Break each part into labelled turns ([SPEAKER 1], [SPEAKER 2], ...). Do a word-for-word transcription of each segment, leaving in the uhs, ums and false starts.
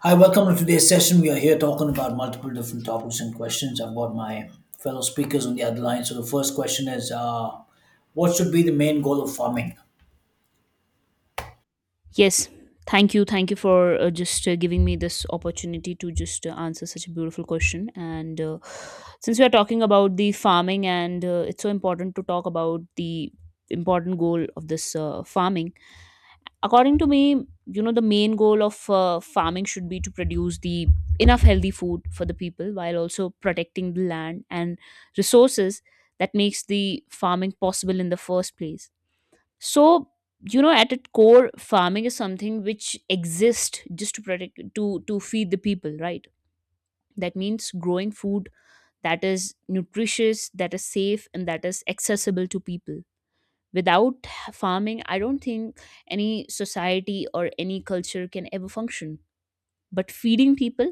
[SPEAKER 1] Hi, welcome to today's session. We are here talking about multiple different topics and questions. I've got my fellow speakers on the other line. So the first question is, uh, what should be the main goal of farming?
[SPEAKER 2] Yes, thank you. Thank you for uh, just uh, giving me this opportunity to just uh, answer such a beautiful question. And uh, since we are talking about the farming, and uh, it's so important to talk about the important goal of this uh, farming. According to me, you know, the main goal of uh, farming should be to produce the enough healthy food for the people, while also protecting the land and resources that makes the farming possible in the first place. So, you know, at its core, farming is something which exists just to protect, to to feed the people, right? That means growing food that is nutritious, that is safe, and that is accessible to people. Without farming, I don't think any society or any culture can ever function. But feeding people,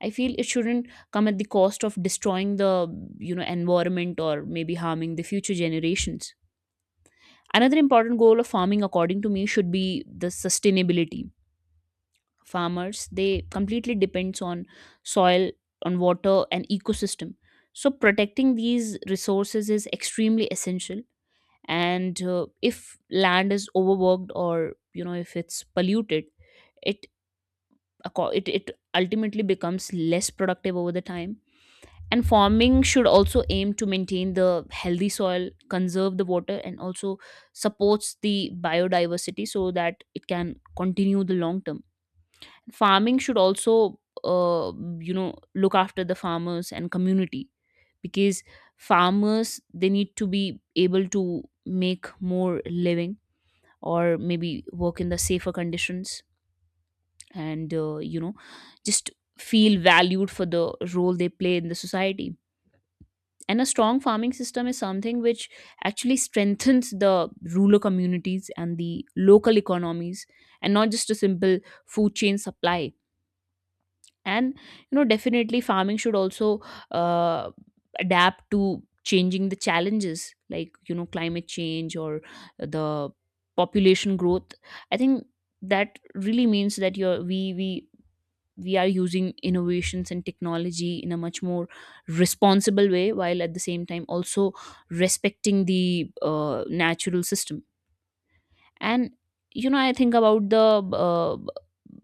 [SPEAKER 2] I feel, it shouldn't come at the cost of destroying the, you know, environment, or maybe harming the future generations. Another important goal of farming, according to me, should be the sustainability. Farmers, they completely depends on soil, on water, and ecosystem. So protecting these resources is extremely essential. And uh, if land is overworked, or you know, if it's polluted, it acco- it it ultimately becomes less productive over the time. And farming should also aim to maintain the healthy soil, conserve the water, and also supports the biodiversity, so that it can continue the long term. Farming should also uh, you know, look after the farmers and community, because farmers, they need to be able to make more living, or maybe work in the safer conditions, and uh, you know, just feel valued for the role they play in the society. And a strong farming system is something which actually strengthens the rural communities and the local economies, and not just a simple food chain supply. And you know, definitely farming should also uh, adapt to changing the challenges, like you know, climate change, or the population growth. I think that really means that you're we we we are using innovations and technology in a much more responsible way, while at the same time also respecting the uh, natural system. And you know, I think about the uh,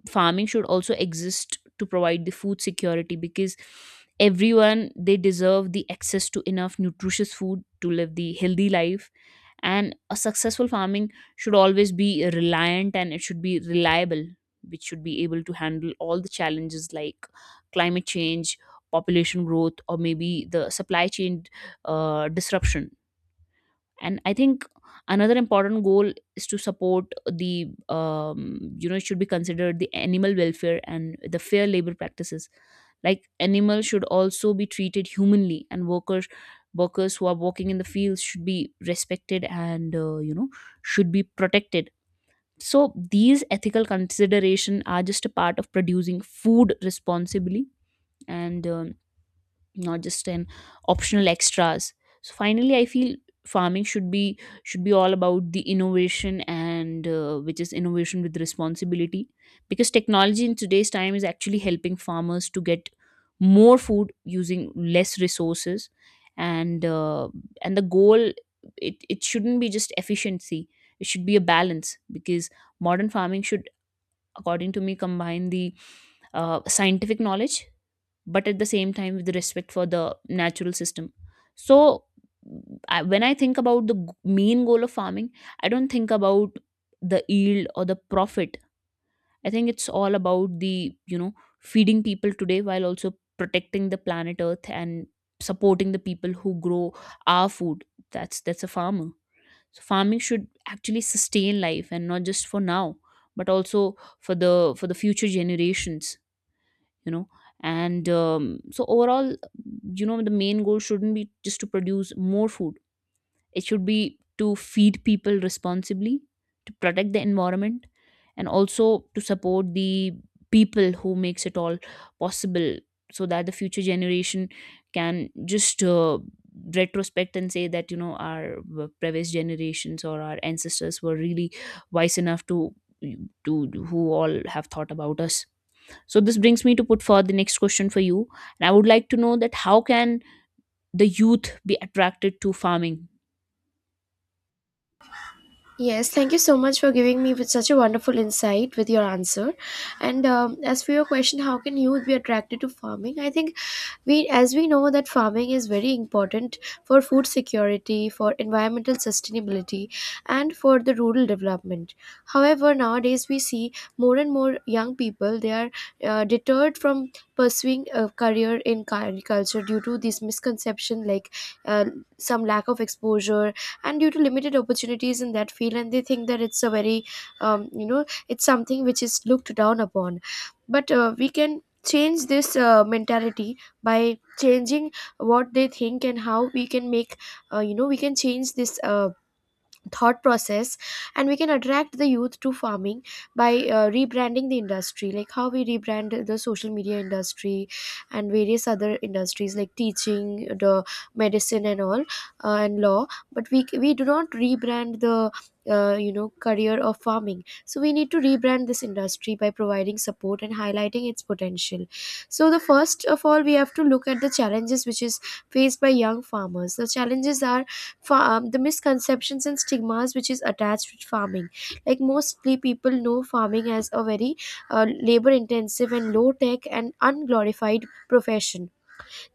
[SPEAKER 2] farming should also exist to provide the food security, because everyone, they deserve the access to enough nutritious food to live the healthy life. And a successful farming should always be reliant, and it should be reliable, which should be able to handle all the challenges like climate change, population growth, or maybe the supply chain uh, disruption. And I think another important goal is to support the um, you know, it should be considered the animal welfare and the fair labor practices. Like animals should also be treated humanly, and workers workers who are working in the fields should be respected and uh, you know, should be protected. So these ethical consideration are just a part of producing food responsibly, and um, not just an optional extras. So finally, I feel farming should be should be all about the innovation, and uh, which is innovation with responsibility, because technology in today's time is actually helping farmers to get more food using less resources. And uh, and the goal, it, it shouldn't be just efficiency, it should be a balance, because modern farming should, according to me, combine the uh, scientific knowledge, but at the same time with respect for the natural system. So I, when I think about the g- main goal of farming, I don't think about the yield or the profit. I think it's all about the, you know, feeding people today while also protecting the planet earth, and supporting the people who grow our food. That's that's a farmer. So farming should actually sustain life, and not just for now, but also for the for the future generations, you know. And um, so overall, you know, the main goal shouldn't be just to produce more food. It should be to feed people responsibly, to protect the environment, and also to support the people who makes it all possible, so that the future generation can just uh, retrospect and say that, you know, our uh, previous generations or our ancestors were really wise enough to to who all have thought about us. So this brings me to put forward the next question for you. And I would like to know that, how can the youth be attracted to farming?
[SPEAKER 3] Yes, thank you so much for giving me with such a wonderful insight with your answer. And um, As for your question, how can youth be attracted to farming? I think we, as we know, that farming is very important for food security, for environmental sustainability, and for the rural development. However, nowadays we see more and more young people they are uh, deterred from pursuing a career in agriculture due to this misconception, like uh, some lack of exposure and due to limited opportunities in that field, and they think that it's a very um, you know it's something which is looked down upon, but uh, we can change this uh, mentality by changing what they think, and how we can make uh, you know we can change this uh, thought process and we can attract the youth to farming by uh, rebranding the industry, like how we rebrand the social media industry and various other industries like teaching, the medicine and all, uh, and law, but we we do not rebrand the uh, you know career of farming. So we need to rebrand this industry by providing support and highlighting its potential. So the first of all, we have to look at the challenges which is faced by young farmers. The challenges are farm the misconceptions and stigmas which is attached with farming. Like mostly people know farming as a very uh, labor intensive and low tech and unglorified profession.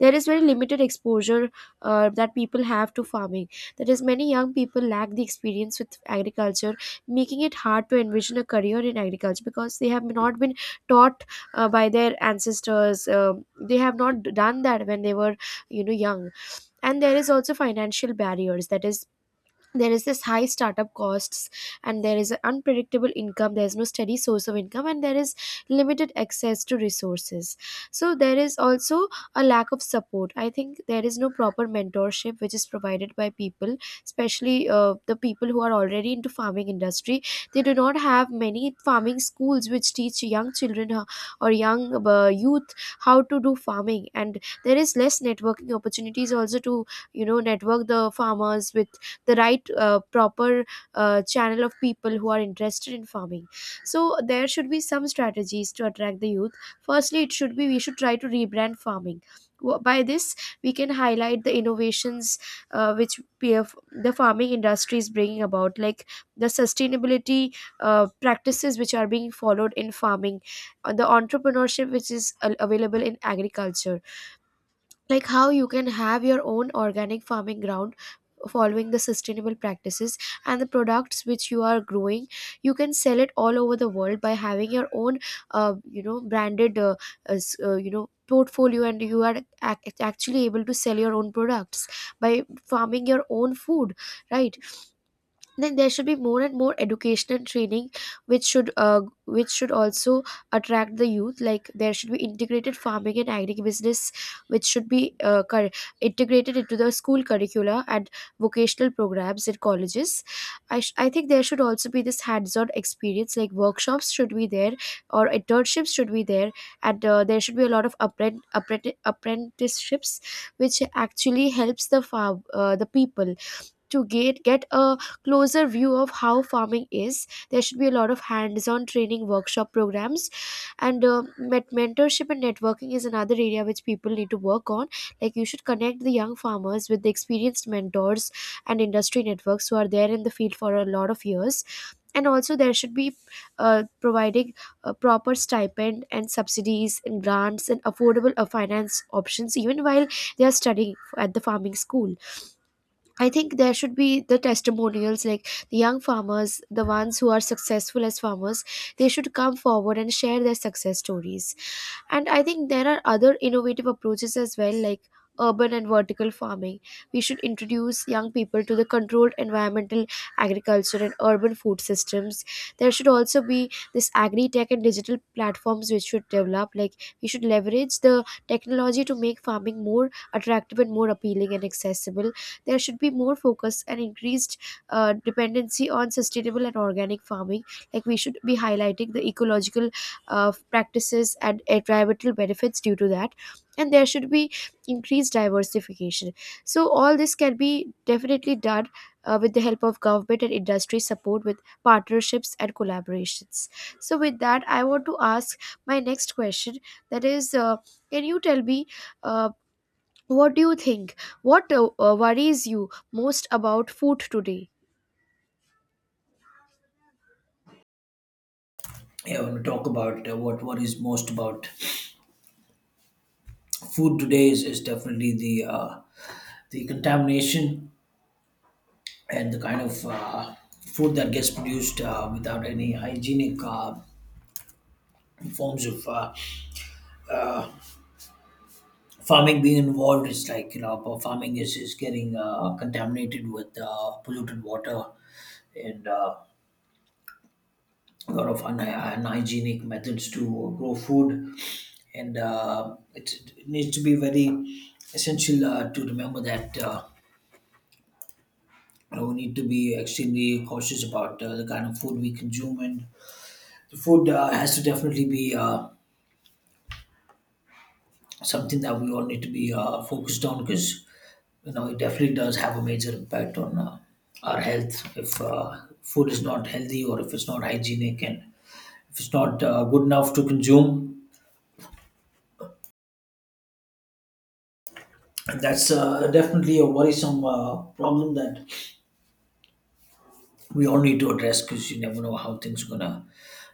[SPEAKER 3] There is very limited exposure uh, that people have to farming. That is, many young people lack the experience with agriculture, making it hard to envision a career in agriculture because they have not been taught uh, by their ancestors. Um they have not done that when they were, you know, young. And there is also financial barriers. That is, there is this high startup costs, and there is an unpredictable income, there is no steady source of income, and there is limited access to resources. So there is also a lack of support. I think there is no proper mentorship which is provided by people, especially uh, the people who are already into farming industry. They do not have many farming schools which teach young children ho- or young uh, youth how to do farming, and there is less networking opportunities also to, you know, network the farmers with the right uh, proper uh, channel of people who are interested in farming. So there should be some strategies to attract the youth. Firstly, it should be, we should try to rebrand farming. Wh- by this we can highlight the innovations uh, which PF, the farming industry is bringing about, like the sustainability uh, practices which are being followed in farming, uh, the entrepreneurship which is a- available in agriculture. Like how you can have your own organic farming ground, following the sustainable practices, and the products which you are growing you can sell it all over the world by having your own uh, you know branded, uh, as, uh, you know portfolio, and you are ac- actually able to sell your own products by farming your own food, right? Then there should be more and more education and training, which should uh, which should also attract the youth. Like there should be integrated farming and agribusiness which should be uh, cur- integrated into the school curricula and vocational programs in colleges. I, sh- I think there should also be this hands-on experience, like workshops should be there or internships should be there, and uh, there should be a lot of appren- appren- apprenticeships which actually helps the farm uh, the people to get, get a closer view of how farming is. There should be a lot of hands-on training workshop programs, and uh, met- mentorship and networking is another area which people need to work on. Like you should connect the young farmers with the experienced mentors and industry networks who are there in the field for a lot of years. And also there should be uh, providing uh, proper stipend and subsidies and grants and affordable uh, finance options, even while they are studying at the farming school. I think there should be the testimonials, like the young farmers, the ones who are successful as farmers, they should come forward and share their success stories. And I think there are other innovative approaches as well, like urban and vertical farming. We should introduce young people to the controlled environmental agriculture and urban food systems. There should also be this agri tech and digital platforms which should develop. Like we should leverage the technology to make farming more attractive and more appealing and accessible. There should be more focus and increased uh, dependency on sustainable and organic farming. Like we should be highlighting the ecological of practices and environmental benefits due to that, and there should be increased diversification. So all this can be definitely done uh, with the help of government and industry support, with partnerships and collaborations. So with that, I want to ask my next question, that is, uh, can you tell me, uh, what do you think, what uh, uh, worries you most about food today?
[SPEAKER 1] Yeah, when we talk about uh, what what is most about food today is, is definitely the uh, the contamination and the kind of uh, food that gets produced uh, without any hygienic uh, forms of uh, uh, farming being involved is like you know but farming is is getting uh, contaminated with uh, polluted water and uh, a lot of un- unhygienic methods to grow food and uh, it, it needs to be very essential uh, to remember that uh, you know, we need to be extremely cautious about uh, the kind of food we consume and the food uh, has to definitely be uh, something that we all need to be uh, focused on because you know it definitely does have a major impact on uh, our health if uh, food is not healthy or if it's not hygienic and if it's not uh, good enough to consume and that's uh, definitely a worrisome uh, problem that we all need to address because you never know how things are gonna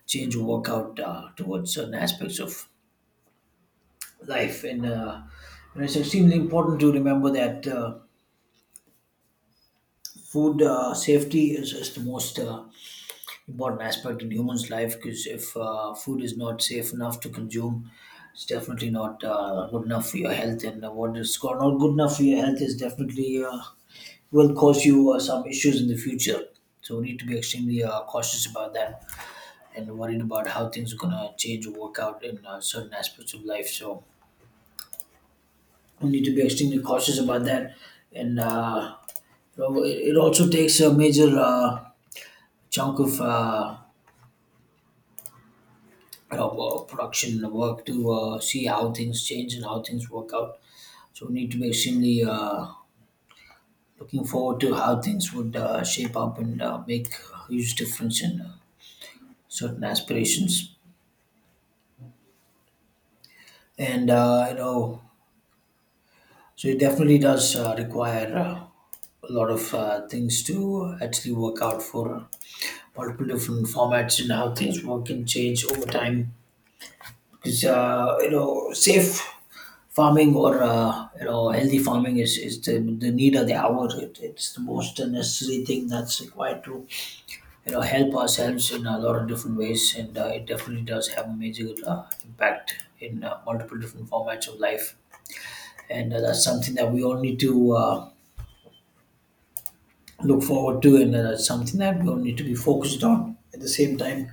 [SPEAKER 1] change or work out uh, towards certain aspects of life and uh, you know, it's extremely important to remember that uh, food uh, safety is, is the most uh, important aspect in humans' life because if uh, food is not safe enough to consume, it's definitely not uh, good enough for your health. And uh, what is go- not good enough for your health is definitely uh, will cause you uh, some issues in the future. So we need to be extremely uh, cautious about that and worried about how things are going to change or work out in uh, certain aspects of life. So we need to be extremely cautious about that. And uh, you know, it it also takes a major uh, chunk of uh, uh, work, production work to uh, see how things change and how things work out. So we need to be extremely uh, looking forward to how things would uh, shape up and uh, make a huge difference in uh, certain aspirations. And uh, you know, so it definitely does uh, require uh, a lot of uh, things to actually work out for multiple different formats and how things work and change over time because uh, you know safe farming or uh, you know healthy farming is, is the, the need of the hour it, it's the most necessary thing that's required to you know help ourselves in a lot of different ways and uh, it definitely does have a major uh, impact in uh, multiple different formats of life and uh, that's something that we all need to uh, look forward to and uh, that's something that we all need to be focused on at the same time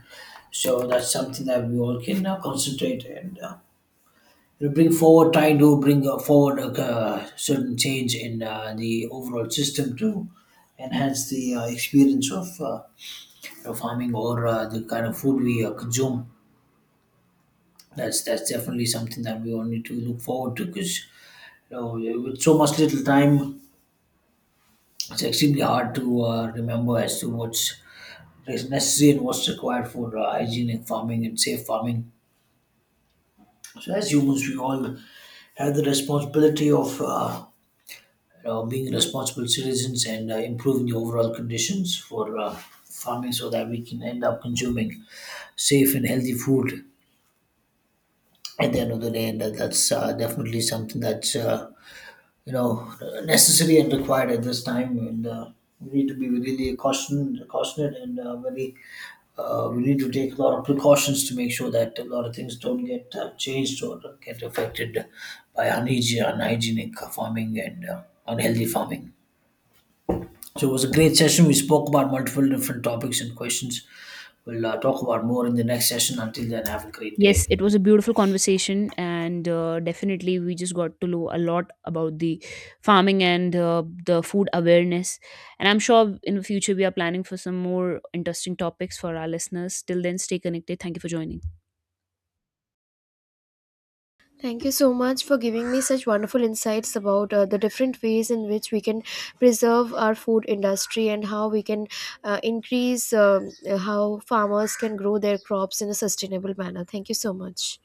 [SPEAKER 1] so that's something that we all can uh, concentrate and uh, you know, bring forward, trying to bring uh, forward a uh, certain change in uh, the overall system to enhance the uh, experience of, uh, of farming or uh, the kind of food we uh, consume. That's that's definitely something that we all need to look forward to because you know, with so much little time, it's extremely hard to uh, remember as to what's is necessary and what's required for uh, hygienic farming and safe farming. So as humans, we all have the responsibility of uh, uh, being responsible citizens and uh, improving the overall conditions for uh, farming so that we can end up consuming safe and healthy food at the end of the day. And that, that's uh, definitely something that's, uh, you know, necessary and required at this time. And uh, we need to be really caution, cautioned and uh, very, uh, we need to take a lot of precautions to make sure that a lot of things don't get uh, changed or get affected by unhygie- unhygienic farming and uh, unhealthy farming. So it was a great session. We spoke about multiple different topics and questions. We'll uh, talk about more in the next session. Until then, have a great
[SPEAKER 2] Yes,
[SPEAKER 1] day.
[SPEAKER 2] it was a beautiful conversation, and uh, definitely we just got to know a lot about the farming and uh, the food awareness. And I'm sure in the future we are planning for some more interesting topics for our listeners. Till then, stay connected. Thank you for joining.
[SPEAKER 3] Thank you so much for giving me such wonderful insights about uh, the different ways in which we can preserve our food industry, and how we can uh, increase, um, how farmers can grow their crops in a sustainable manner. Thank you so much.